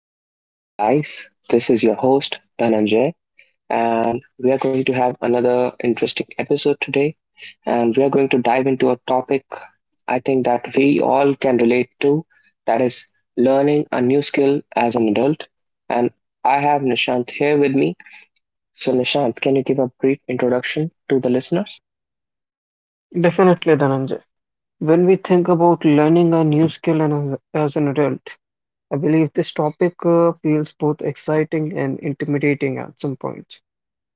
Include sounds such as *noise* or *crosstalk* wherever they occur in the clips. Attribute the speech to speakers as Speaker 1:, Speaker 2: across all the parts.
Speaker 1: Hello and welcome, guys. This is your host, Dhananjay, and we are going to have another interesting episode today. And we are going to dive into a topic I think that we all can relate to, that is learning a new skill as an adult. And I have Nishant here with me. So, Nishant, can you give a brief introduction to the listeners?
Speaker 2: Definitely, Dhananjay. When we think about learning a new skill and as an adult, I believe this topic feels both exciting and intimidating at some point.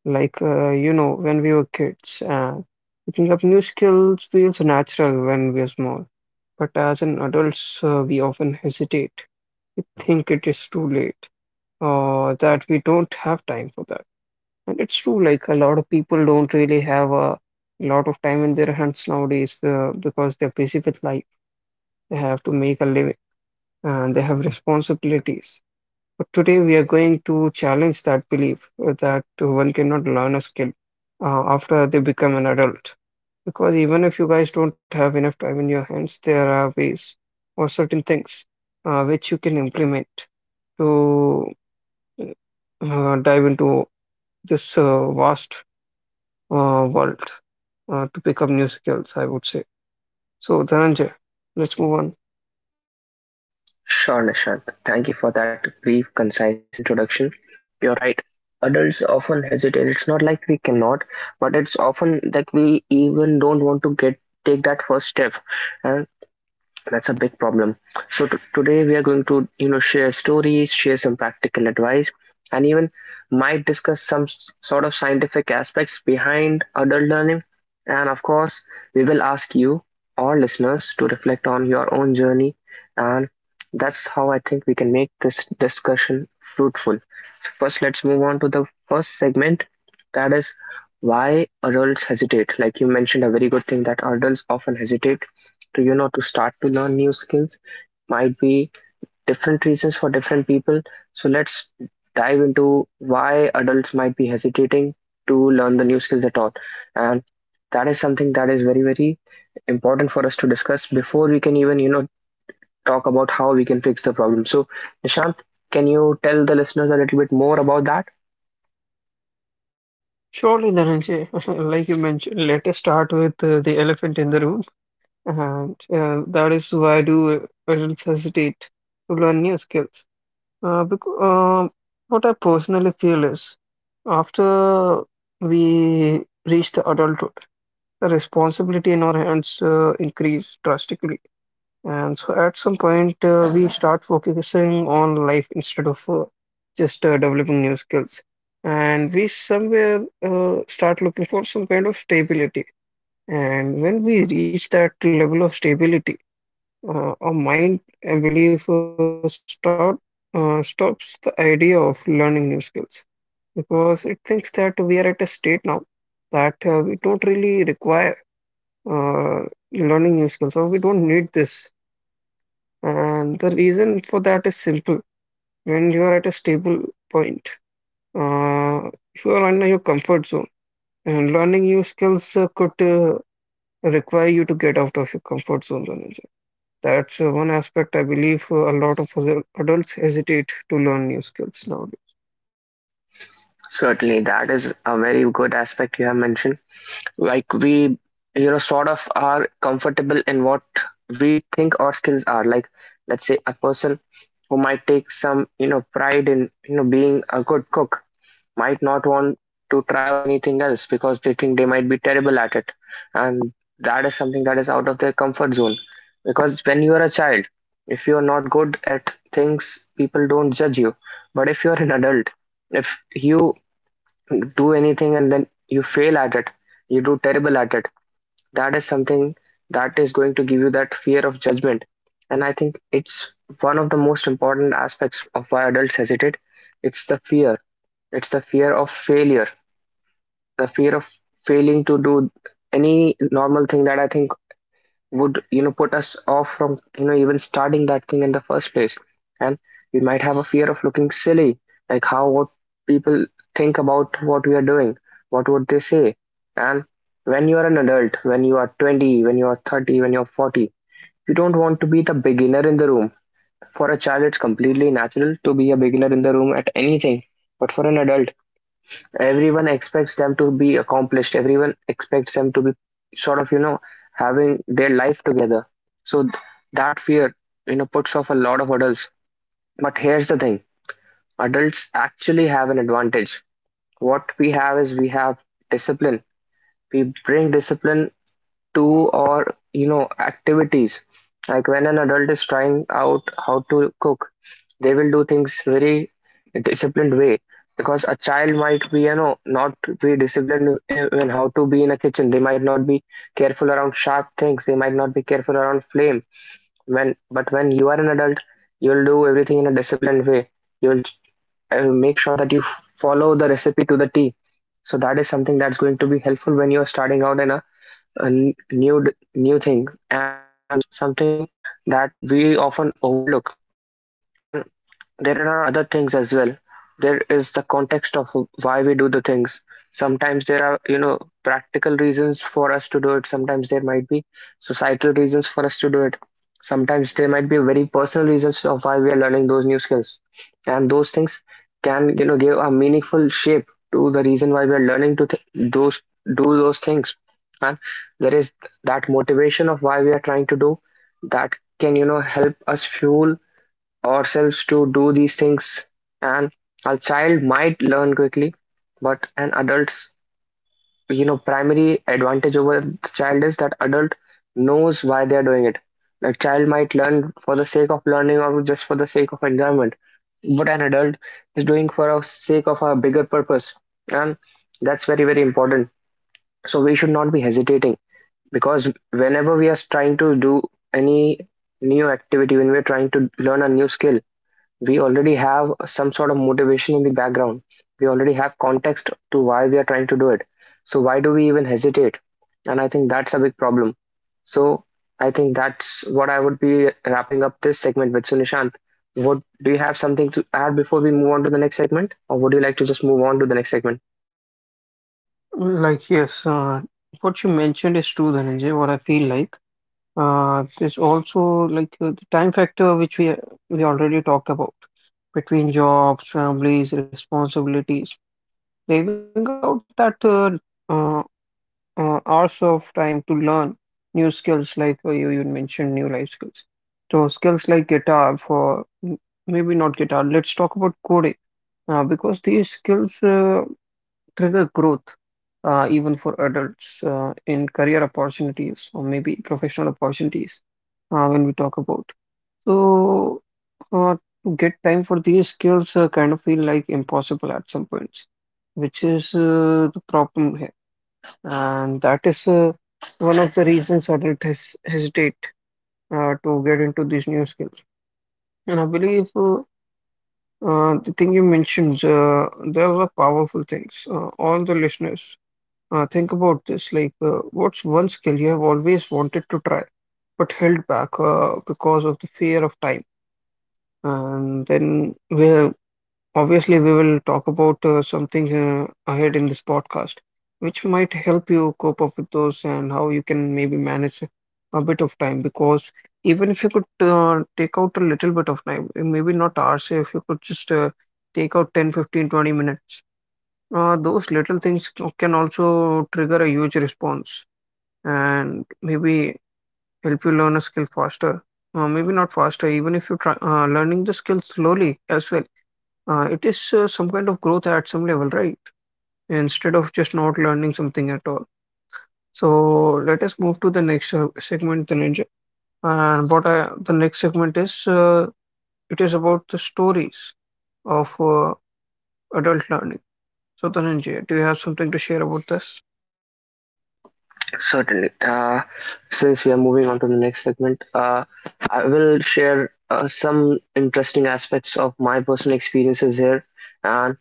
Speaker 2: When we were kids, picking up new skills feels natural when we are small. But as an adults, we often hesitate. We think it is too late or that we don't have time for that. And it's true, like a lot of people don't really have a lot of time in their hands nowadays because they're busy with life. They have to make a living and they have responsibilities. But today we are going to challenge that belief that one cannot learn a skill after they become an adult. Because even if you guys don't have enough time in your hands, there are ways or certain things which you can implement to dive into this vast world, to pick up new skills, I would say. So, Dhananjay, let's move on.
Speaker 1: Sure, Nishant. Thank you for that brief, concise introduction. You're right. Adults often hesitate. It's not like we cannot, but it's often that we even don't want to get take that first step. That's a big problem. So today we are going to, you know, share stories, share some practical advice, and even might discuss some sort of scientific aspects behind adult learning. And of course, we will ask you, our listeners, to reflect on your own journey. And that's how I think we can make this discussion fruitful. First, let's move on to the first segment, that is why adults hesitate. Like you mentioned, a very good thing that adults often hesitate to, you know, to start to learn new skills. Might be different reasons for different people. So, let's dive into why adults might be hesitating to learn the new skills at all. And that is something that is very, very important for us to discuss before we can even, you know, talk about how we can fix the problem. So, Nishant, can you tell the listeners a little bit more about that?
Speaker 2: Surely, Dhananjay, *laughs* like you mentioned, let us start with the elephant in the room. And that is, why do adults hesitate to learn new skills? Because what I personally feel is after we reach the adulthood, the responsibility in our hands increase drastically. And so at some point, we start focusing on life instead of just developing new skills. And we somewhere start looking for some kind of stability. And when we reach that level of stability, our mind, I believe, stops the idea of learning new skills because it thinks that we are at a state now that we don't really require uh, learning new skills or we don't need this. And the reason for that is simple. When you are at a stable point, uh, you are in your comfort zone, and learning new skills could require you to get out of your comfort zone, Dhananjay. That's one aspect I believe a lot of other adults hesitate to learn new skills nowadays.
Speaker 1: Certainly, that is a very good aspect you have mentioned. Like we, you know, sort of are comfortable in what we think our skills are. Like, let's say a person who might take some, you know, pride in, you know, being a good cook might not want to try out anything else because they think they might be terrible at it. And that is something that is out of their comfort zone. Because when you are a child, if you are not good at things, people don't judge you. But if you are an adult, if you do anything and then you fail at it, you do terrible at it, that is something that is going to give you that fear of judgment. And I think it's one of the most important aspects of why adults hesitate. It's the fear, it's the fear of failure, the fear of failing to do any normal thing that I think would, you know, put us off from, you know, even starting that thing in the first place. And we might have a fear of looking silly, like how, what people think about what we are doing, what would they say. And when you are an adult, when you are 20, when you are 30, when you are 40, you don't want to be the beginner in the room. For a child, it's completely natural to be a beginner in the room at anything. But for an adult, everyone expects them to be accomplished. Everyone expects them to be sort of, you know, having their life together. So that fear, you know, puts off a lot of adults. But here's the thing, adults actually have an advantage. What we have is we have discipline. We bring discipline to our, you know, activities. Like when an adult is trying out how to cook, they will do things very disciplined way, because a child might be, you know, not be disciplined in how to be in a kitchen. They might not be careful around sharp things, they might not be careful around flame. When but when you are an adult, you'll do everything in a disciplined way. You'll make sure that you follow the recipe to the T. So that is something that's going to be helpful when you're starting out in a new thing, and that's something that we often overlook. And there are other things as well. There is the context of why we do the things. Sometimes there are, you know, practical reasons for us to do it. Sometimes there might be societal reasons for us to do it. Sometimes there might be very personal reasons of why we are learning those new skills. And those things can, you know, give a meaningful shape to the reason why we are learning to th- those do those things. And there is that motivation of why we are trying to do that, can, you know, help us fuel ourselves to do these things. And a child might learn quickly, but an adult's, you know, primary advantage over the child is that adult knows why they are doing it. A child might learn for the sake of learning or just for the sake of enjoyment, but an adult is doing for a sake of a bigger purpose. And that's very, very important. So we should not be hesitating, because whenever we are trying to do any new activity, when we're trying to learn a new skill, we already have some sort of motivation in the background. We already have context to why we are trying to do it. So why do we even hesitate? And I think that's a big problem. So I think that's what I would be wrapping up this segment with. So Nishant, what do you have, something to add before we move on to the next segment, or would you like to just move on to the next segment?
Speaker 2: Like, yes, what you mentioned is true, Dhananjay, what I feel like. There's also the time factor, which we already talked about between jobs, families, responsibilities. Leaving out that uh, hours of time to learn new skills, like you mentioned new life skills. So skills like guitar for maybe not guitar. Let's talk about coding. Because these skills trigger growth even for adults in career opportunities or maybe professional opportunities when we talk about. So uh, to get time for these skills kind of feel like impossible at some points, which is the problem here. And that is one of the reasons adults hesitate to get into these new skills. And I believe the thing you mentioned, those are powerful things. All the listeners, think about this. What's one skill you have always wanted to try, but held back because of the fear of time? And then, well, obviously, we will talk about something ahead in this podcast, which might help you cope up with those and how you can maybe manage a bit of time. Because even if you could take out a little bit of time, maybe not hours, if you could just take out 10, 15, 20 minutes, those little things can also trigger a huge response and maybe help you learn a skill faster. Maybe not faster, even if you try learning the skill slowly as well, it is some kind of growth at some level, right? Instead of just not learning something at all. So let us move to the next segment, Dhananjay. And the next segment is, it is about the stories of adult learning. So Dhananjay, do you have something to share about this?
Speaker 1: Certainly. Since we are moving on to the next segment, I will share some interesting aspects of my personal experiences here. And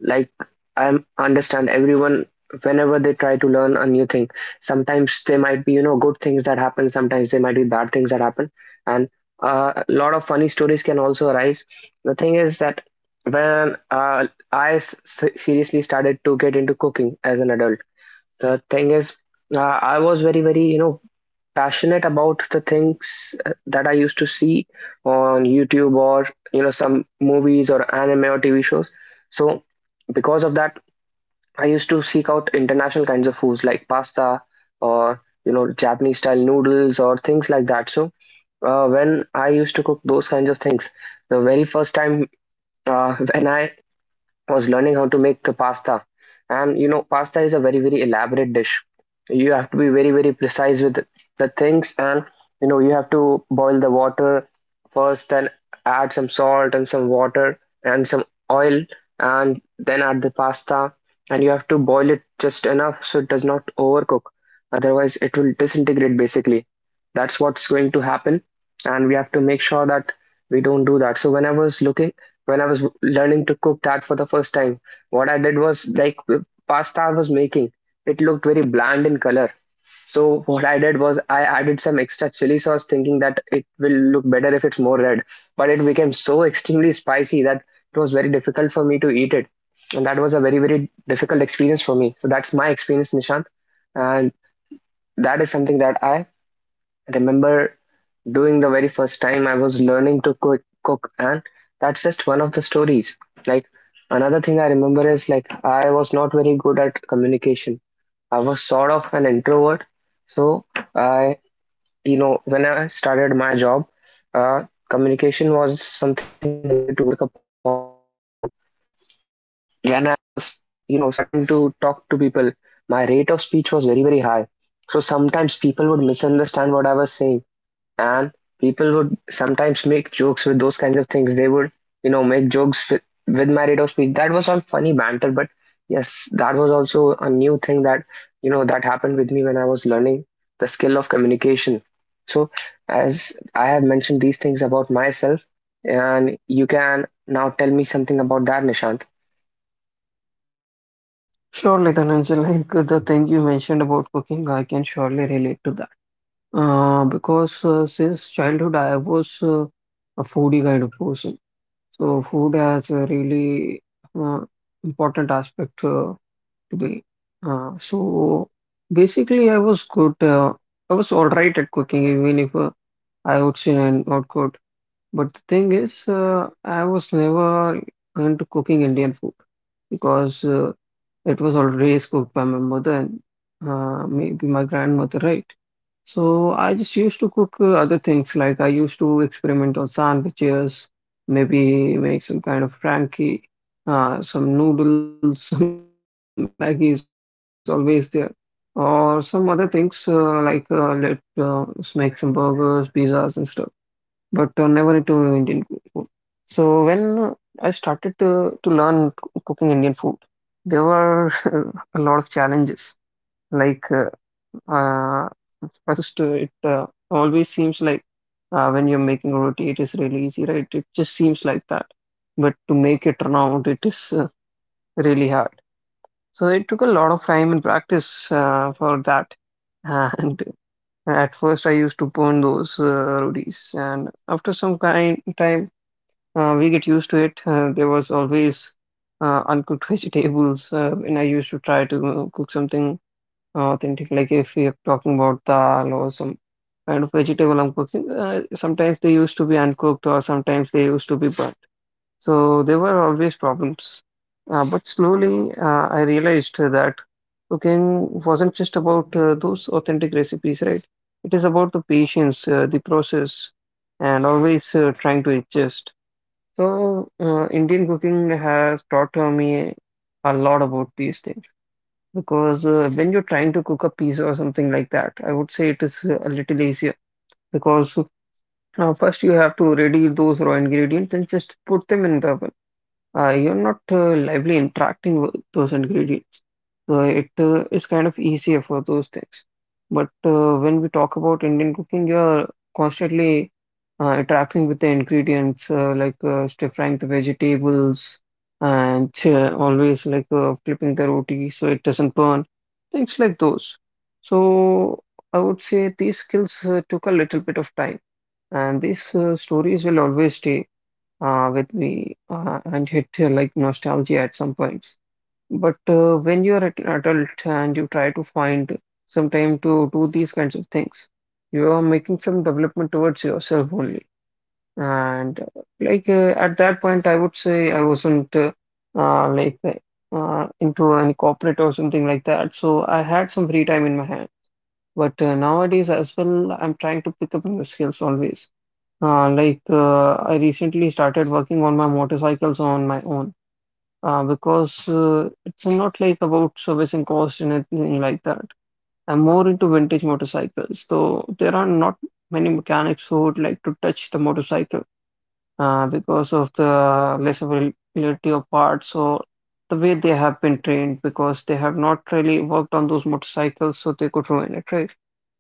Speaker 1: like I understand everyone, whenever they try to learn a new thing, sometimes they might be, you know, good things that happen, sometimes they might be bad things that happen. And a lot of funny stories can also arise. The thing is that when I seriously started to get into cooking as an adult, the thing is I was very, very, you know, passionate about the things that I used to see on YouTube, or you know, some movies or anime or TV shows. So because of that, I used to seek out international kinds of foods like pasta, or you know, Japanese style noodles or things like that. So when I used to cook those kinds of things, the very first time *laughs* when I was learning how to make the pasta. And you know, pasta is a very, very elaborate dish. You have to be very, very precise with the things, and you know, you have to boil the water first, then add some salt and some water and some oil, and then add the pasta. And you have to boil it just enough so it does not overcook. Otherwise, it will disintegrate basically. That's what's going to happen, and we have to make sure that we don't do that. So, when I was learning to cook that for the first time, what I did was like, pasta I was making, it looked very bland in color. So what I did was I added some extra chili sauce thinking that it will look better if it's more red. But it became so extremely spicy that it was very difficult for me to eat it. And that was a very, very difficult experience for me. So that's my experience, Nishant. And that is something that I remember doing the very first time I was learning to cook, and that's just one of the stories. Like another thing I remember is, like I was not very good at communication. I was sort of an introvert. So I, you know, when I started my job, uh, communication was something that I needed to work upon. Now, when I was, you know, starting to talk to people, my rate of speech was very, very high. So sometimes people would misunderstand what I was saying, and people would sometimes make jokes with those kinds of things. They would, you know, make jokes with my rate of speech. That was all funny banter, but yes, that was also a new thing that, you know, that happened with me when I was learning the skill of communication. So, as I have mentioned these things about myself, and you can now tell me something about that, Nishant.
Speaker 2: Surely, Dhananjay, the thing you mentioned about cooking, I can surely relate to that. Because since childhood, I was a foodie kind of person. So food has a really uh, important aspect to be. So basically, I was good. I was all right at cooking, even if I would say I'm not good. But the thing is, I was never into cooking Indian food because it was always cooked by my mother and maybe my grandmother, right? So I just used to cook other things, like I used to experiment on sandwiches, maybe make some kind of frankie, some noodles, *laughs* some Maggi is always there, or some other things like let us make some burgers, pizzas, and stuff, but never into Indian food. So when I started to learn cooking Indian food, there were *laughs* a lot of challenges. Like uh, uh, First, it always seems like when you're making roti, it is really easy, right? It just seems like that. But to make it turn out, it is really hard. So it took a lot of time and practice for that. *laughs* And at first, I used to burn those rupees, and after some kind time, we get used to it. There was always uncooked *laughs* vegetables, and I used to try to cook something authentic. Like if we are talking about dal or some kind of vegetable I'm cooking, sometimes they used to be uncooked, or sometimes they used to be burnt. So there were always problems. But slowly, I realized that cooking wasn't just about those authentic recipes, right? It is about the patience, the process, and always trying to adjust. So, Indian cooking has taught me a lot about these things, because when you're trying to cook a pizza or something like that, I would say it is a little easier, because first you have to ready those raw ingredients and just put them in the oven. Uh, You're not lively interacting with those ingredients. So it is kind of easier for those things. But when we talk about Indian cooking, you're constantly interacting with the ingredients, like stir frying the vegetables, and always like flipping the roti so it doesn't burn, things like those. So I would say these skills took a little bit of time, and these stories will always stay with me and hit like nostalgia at some points. But when you are an adult and you try to find some time to do these kinds of things, you are making some development towards yourself only. And at that point, I would say I wasn't into any corporate or something like that. So I had some free time in my hand. But nowadays as well, I'm trying to pick up new skills always. I recently started working on my motorcycles on my own because it's not like about servicing cost and anything like that. I'm more into vintage motorcycles, so there are not many mechanics who would like to touch the motorcycle because of the less availability of parts or the way they have been trained, because they have not really worked on those motorcycles, so they could ruin it, right?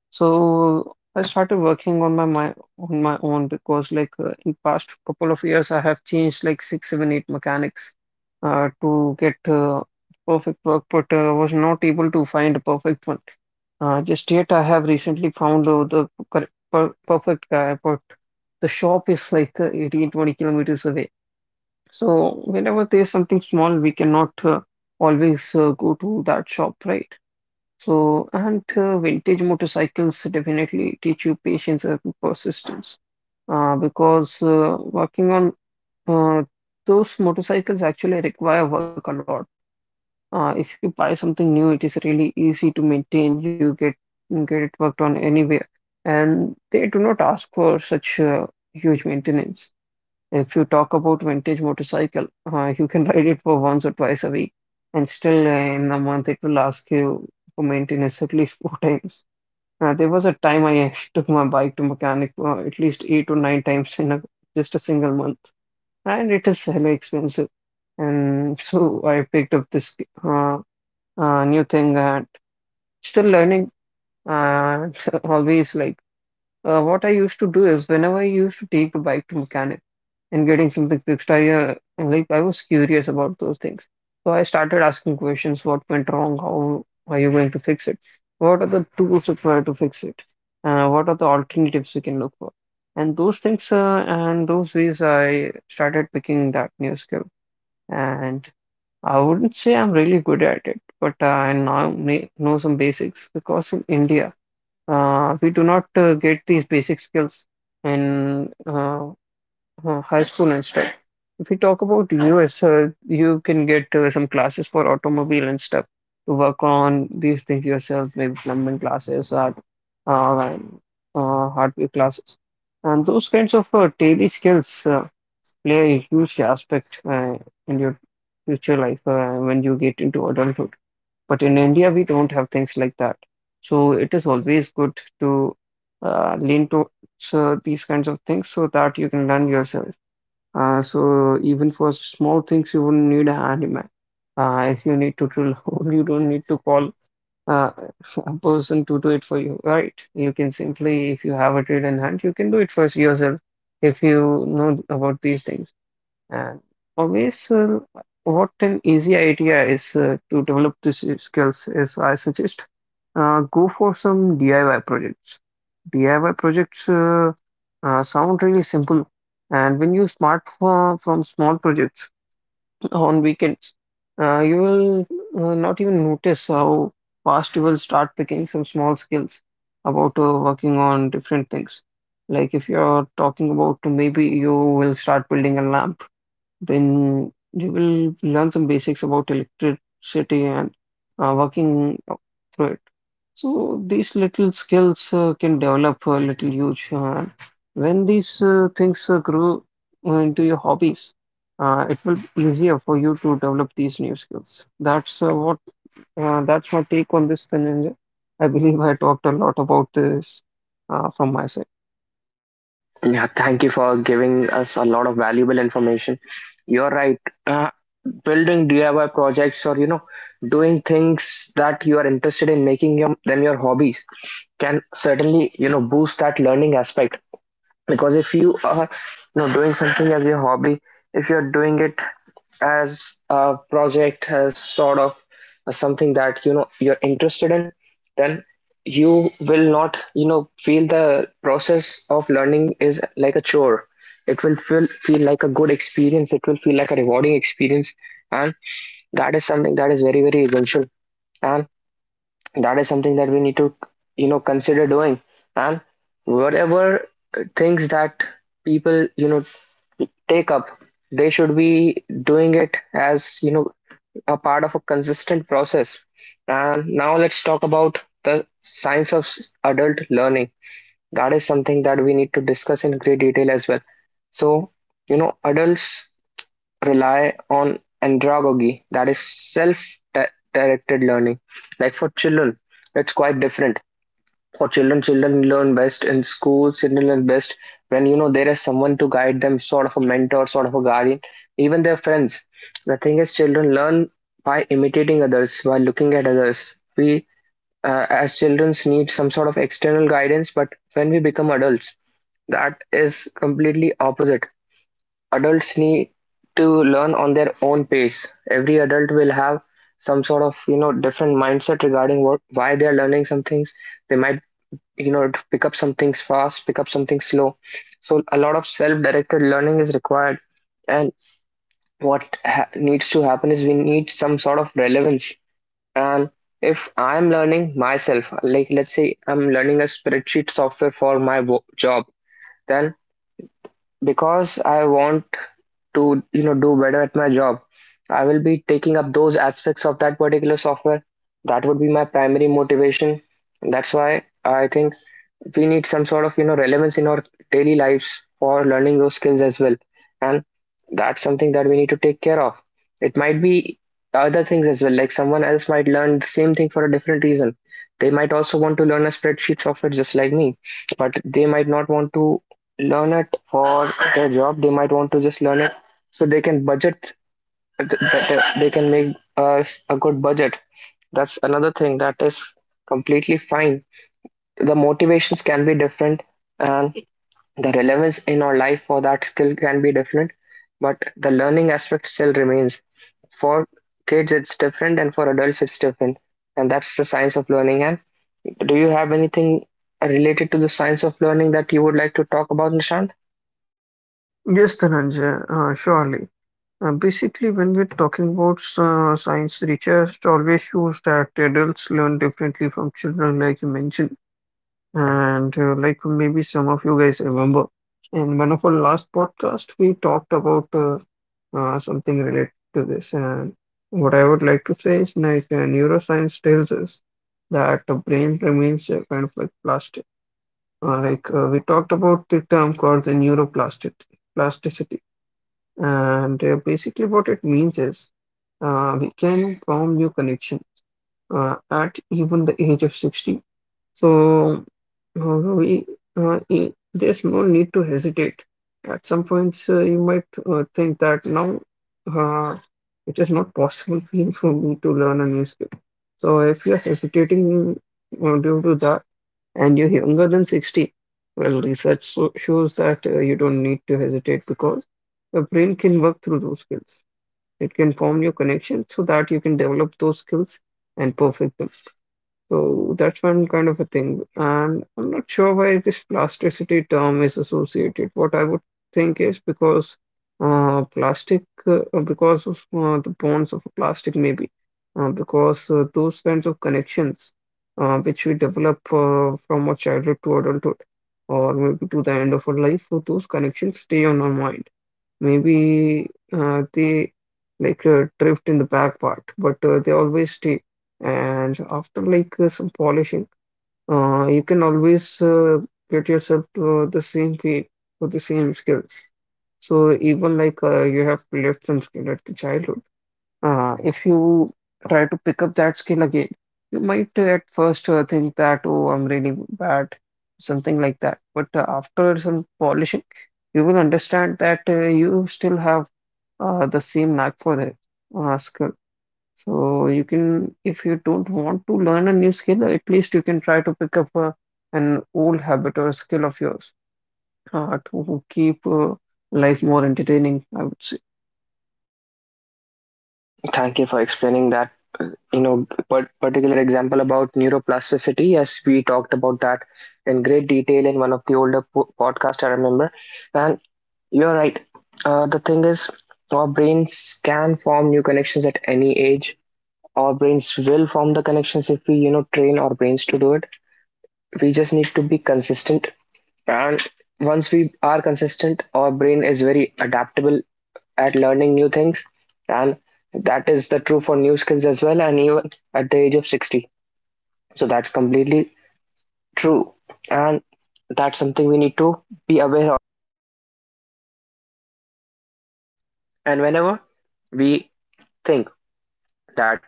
Speaker 2: So I started working on my on my own, because in past couple of years I have changed like six, seven, eight mechanics to get perfect work, but was not able to find a perfect one. Just yet I have recently found the correct, perfect guy, but the shop is like 18, 20 kilometers away. So whenever there's something small, we cannot always go to that shop, right? So, and vintage motorcycles definitely teach you patience and persistence, because working on uh, those motorcycles actually require work a lot. If you buy something new, it is really easy to maintain. You get it worked on anywhere, and they do not ask for such huge maintenance. If you talk about vintage motorcycle, you can *laughs* ride it for once or twice a week, and still in a month it will ask you for maintenance at least four *laughs* times. There was a time I *laughs* took my bike to mechanic at least eight or nine times just a single month, and it is hella expensive. And so I picked up this uh, new thing and still learning. Uh, *laughs* always what I used to do is whenever I used to take the bike to mechanic and getting something fixed, I like I was curious about those things. So I started asking questions: what went wrong? How are you going to fix it? What are the tools required to fix it? What are the alternatives we can look for? And those things and those ways I started picking that new skill. And I wouldn't say I'm really good at it, but I now may know some basics because in India. We do not get these basic skills in high school and stuff. If we talk about US, you can get some classes for automobile and stuff to work on these things yourself, maybe plumbing classes or uh, hardware classes. And those kinds of daily skills play a huge aspect in your future life when you get into adulthood. But in India, we don't have things like that. So it is always good to lean towards these kinds of things so that you can learn yourself. So even for small things, you wouldn't need an handyman. If you need to drill *laughs* a hole, you don't need to call uh, a person to do it for you, right? You can simply, if you have a trade in hand, you can do it for yourself if you know about these things. And always, what an easy idea is to develop these skills is I suggest go for some DIY projects. DIY projects sound really simple, and when you start from small projects *clears throat* on weekends, you will not even notice how fast you will start picking some small skills about working on different things. Like if you're talking about maybe you will start building a lamp then you will learn some basics about electricity and working through it. So these little skills can develop a little huge. When these things grow into your hobbies, it will be easier for you to develop these new skills. That's my take on this, Dhananjay. I believe I talked a lot about this from my side.
Speaker 1: Yeah, thank you for giving us a lot of valuable information. You're right. Uh, Building DIY projects, or doing things that you are interested in, making your hobbies, can certainly boost that learning aspect. Because if you are doing something as your hobby, if you're doing it as a project, as sort of something that you're interested in, then you will not feel the process of learning is like a chore. It will feel like a good experience, it will feel like a rewarding experience. And that is something that is very, very essential. And that is something that we need to, consider doing. And whatever things that people, take up, they should be doing it as, a part of a consistent process. And now let's talk about the science of adult learning. That is something that we need to discuss in great detail as well. So, adults rely on andragogy, that is self directed learning. Like, for children, it's quite different. For children, learn best in schools. Children learn best when, there is someone to guide them, sort of a mentor, sort of a guardian, even their friends. The thing is, children learn by imitating others, by looking at others. We, as children, need some sort of external guidance. But when we become adults, that is completely opposite. Adults need to learn on their own pace. Every adult will have some sort of, different mindset regarding what, why they are learning some things. They might, to pick up some things fast, pick up something slow. So a lot of self-directed learning is required. And needs to happen is we need some sort of relevance. And if I'm learning myself, like let's say I'm learning a spreadsheet software for my job, then because I want to, do better at my job, I will be taking up those aspects of that particular software. That would be my primary motivation. That's why I think we need some sort of, relevance in our daily lives for learning those skills as well. And that's something that we need to take care of. It might be other things as well. Like, someone else might learn the same thing for a different reason. They might also want to learn a spreadsheet software just like me, but they might not want to learn it for their job. They might want to just learn it so they can budget better, they can make us a good budget. That's another thing that is completely fine. The motivations can be different, and the relevance in our life for that skill can be different, but the learning aspect still remains. For kids, it's different, and for adults, it's different. And that's the science of learning. And do you have anything related to the science of learning that you would like to talk about, Nishant?
Speaker 2: Yes, Dhananjay, surely. Basically, when we're talking about science, research always shows that adults learn differently from children, like you mentioned. And like maybe some of you guys remember, in one of our last podcast, we talked about something related to this. And what I would like to say is neuroscience tells us that the brain remains kind of like plastic. We talked about the term called the neuroplasticity. Plasticity and basically, what it means is we can form new connections at even the age of 60. So uh, we there's no need to hesitate. At some points, you might think that now uh, it is not possible for me to learn a new skill. So if you're hesitating due to that, and you're younger than 60, well, research so shows that you don't need to hesitate because your brain can work through those skills. It can form your connections so that you can develop those skills and perfect them. So that's one kind of a thing. And I'm not sure why this plasticity term is associated. What I would think is because because of the bonds of plastic, maybe, because those kinds of connections which we develop from our childhood to adulthood, or maybe to the end of our life, so those connections stay on our mind. Maybe they drift in the back part, but they always stay. And after some polishing, you can always get yourself to the same field with the same skills. So even like you have left some skill at the childhood, if you try to pick up that skill again, you might at first think that, oh, I'm really bad, something like that. But after some polishing, you will understand that you still have the same knack for the skill. So you can, if you don't want to learn a new skill, at least you can try to pick up an old habit or skill of yours to keep life more entertaining, I would say.
Speaker 1: Thank you for explaining that. But particular example about neuroplasticity, yes, we talked about that in great detail in one of the older podcast, I remember. And you're right. The thing is, our brains can form new connections at any age. Our brains will form the connections if we, train our brains to do it. We just need to be consistent. And once we are consistent, our brain is very adaptable at learning new things. And that is the true for new skills as well, and even at the age of 60. So that's completely true. And that's something we need to be aware of. And whenever we think that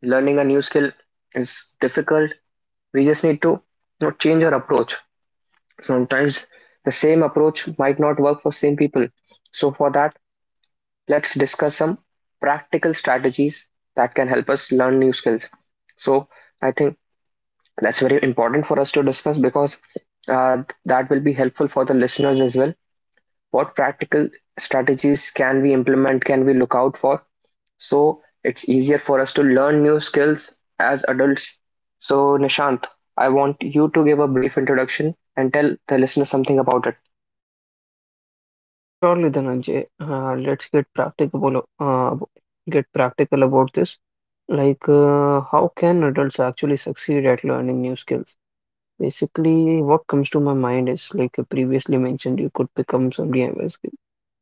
Speaker 1: learning a new skill is difficult, we just need to, change our approach. Sometimes the same approach might not work for same people. So for that, let's discuss some practical strategies that can help us learn new skills. So I think that's very important for us to discuss, because that will be helpful for the listeners as well. What practical strategies can we implement? Can we look out for, so it's easier for us to learn new skills as adults? So, Nishant, I want you to give a brief introduction and tell the listener something about it.
Speaker 2: Surely, Dhananjay, let's get practical about this. Like, how can adults actually succeed at learning new skills? Basically, what comes to my mind is like you previously mentioned, you could become some DIY skill.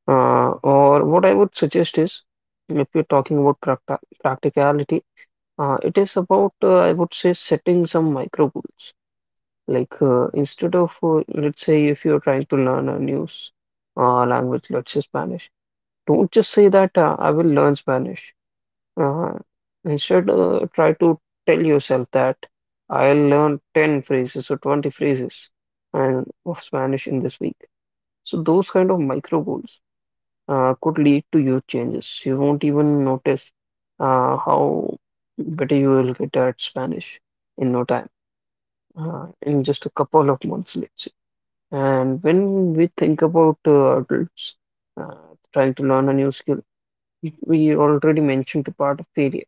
Speaker 2: Or what I would suggest is, if you're talking about practicality, it is about I would say setting some micro goals. Instead of let's say if you're trying to learn a new language, let's say Spanish. Don't just say that I will learn Spanish. Uh, instead, try to tell yourself that I'll learn 10 phrases or 20 phrases and of Spanish in this week. So those kind of micro goals could lead to huge changes. You won't even notice how better you will get at Spanish in no time, in just a couple of months, let's say. And when we think about adults uh, trying to learn a new skill, we already mentioned the part of failure.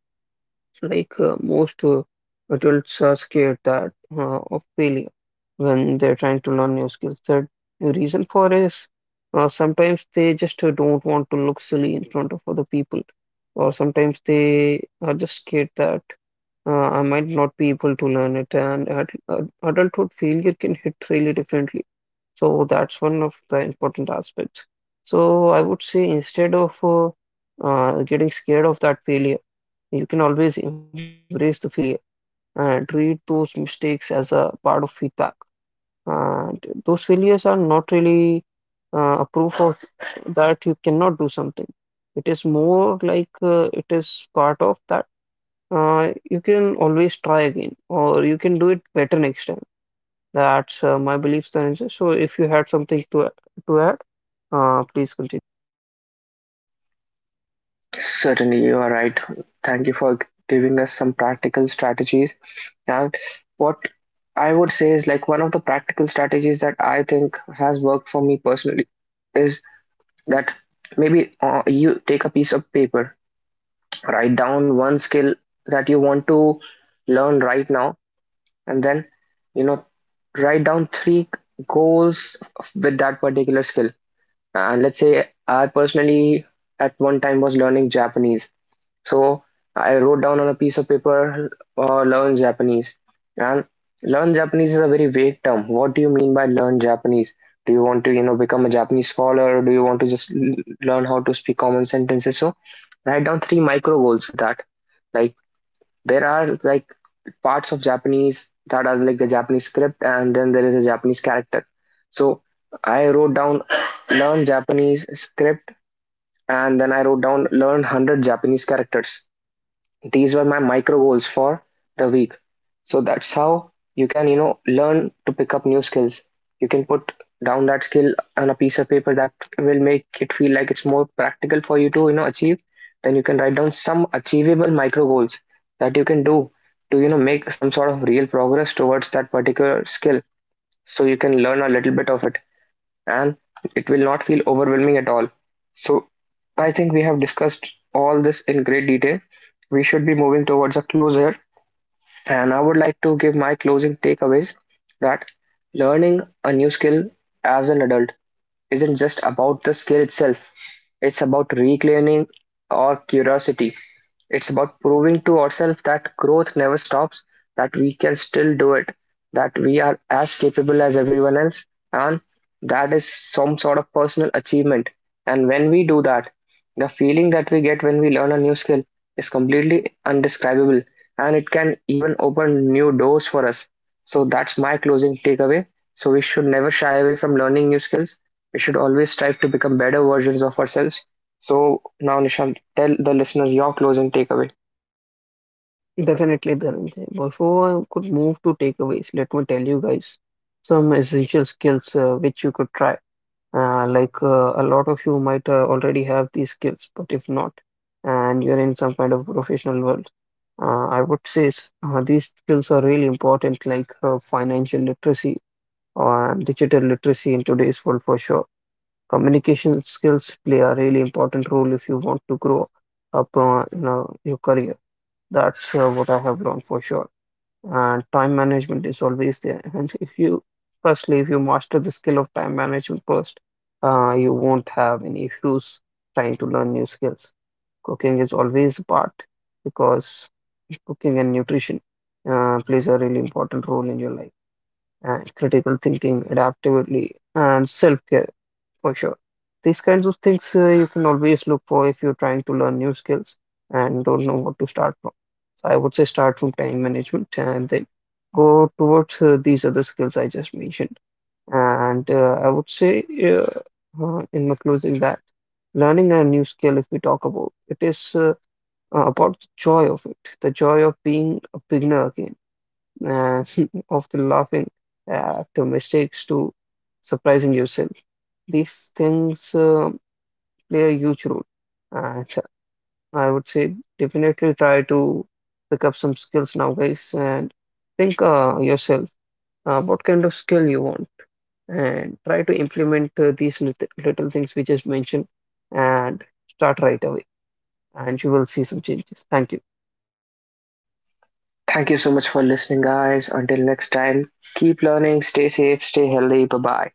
Speaker 2: Most adults are scared that of failure when they're trying to learn new skills. The reason for is sometimes they just don't want to look silly in front of other people, or sometimes they are just scared that I might not be able to learn it. And adulthood failure can hit really differently. So that's one of the important aspects. So I would say instead of getting scared of that failure you can always embrace the failure and treat those mistakes as a part of feedback. And those failures are not really a proof of *laughs* that you cannot do something. It is more like it is part of that. You can always try again, or you can do it better next time. That's my belief. Dhananjay. So if you had something to add, please continue.
Speaker 1: Certainly, you are right. Thank you for giving us some practical strategies. And what I would say is, like, one of the practical strategies that I think has worked for me personally is that maybe you take a piece of paper, write down one skill that you want to learn right now, and then, you know write down three goals with that particular skill. And let's say I personally at one time was learning Japanese. So I wrote down on a piece of paper, learn Japanese. And learn Japanese is a very vague term. What do you mean by learn Japanese? Do you want to, become a Japanese scholar, or do you want to just learn how to speak common sentences? So write down three micro goals with that. Like, there are like parts of Japanese that are like the Japanese script, and then there is a Japanese character. So I wrote down learn Japanese script, and then I wrote down learn 100 Japanese characters. These were my micro goals for the week. So that's how you can, learn to pick up new skills. You can put down that skill on a piece of paper. That will make it feel like it's more practical for you to, achieve. Then you can write down some achievable micro goals that you can do to, make some sort of real progress towards that particular skill. So you can learn a little bit of it, and it will not feel overwhelming at all. So I think we have discussed all this in great detail. We should be moving towards a close here. And I would like to give my closing takeaways that learning a new skill as an adult isn't just about the skill itself, it's about reclaiming our curiosity. It's about proving to ourselves that growth never stops, that we can still do it, that we are as capable as everyone else, and that is some sort of personal achievement. And when we do that, the feeling that we get when we learn a new skill is completely indescribable, and it can even open new doors for us. So that's my closing takeaway. So we should never shy away from learning new skills. We should always strive to become better versions of ourselves. So now, Nishant, tell the listeners your closing takeaway.
Speaker 2: Definitely, Dhananjay. Before I could move to takeaways, let me tell you guys some essential skills which you could try. A lot of you might already have these skills, but if not, and you're in some kind of professional world, I would say these skills are really important, like financial literacy or digital literacy in today's world for sure. Communication skills play a really important role if you want to grow up in your career. That's what I have learned for sure and time management is always there. *laughs* And if you, firstly, if you master the skill of time management first, you won't have any issues trying to learn new skills. Cooking is always a part because cooking and nutrition plays a really important role in your life. And critical thinking, adaptability, and self-care for sure. These kinds of things you can always look for if you're trying to learn new skills and don't know what to start from. So I would say start from time management and then go towards these other skills I just mentioned. And I would say in my closing that learning a new skill, if we talk about, it is about the joy of it, the joy of being a beginner again, uh, *laughs* of the laughing to mistakes, to surprising yourself these things play a huge role. And I would say definitely try to pick up some skills now, guys, and think yourself what kind of skill you want and try to implement these little things we just mentioned and start right away, and you will see some changes. Thank you.
Speaker 1: Thank you so much for listening, guys. Until next time, keep learning, stay safe, stay healthy. Bye bye.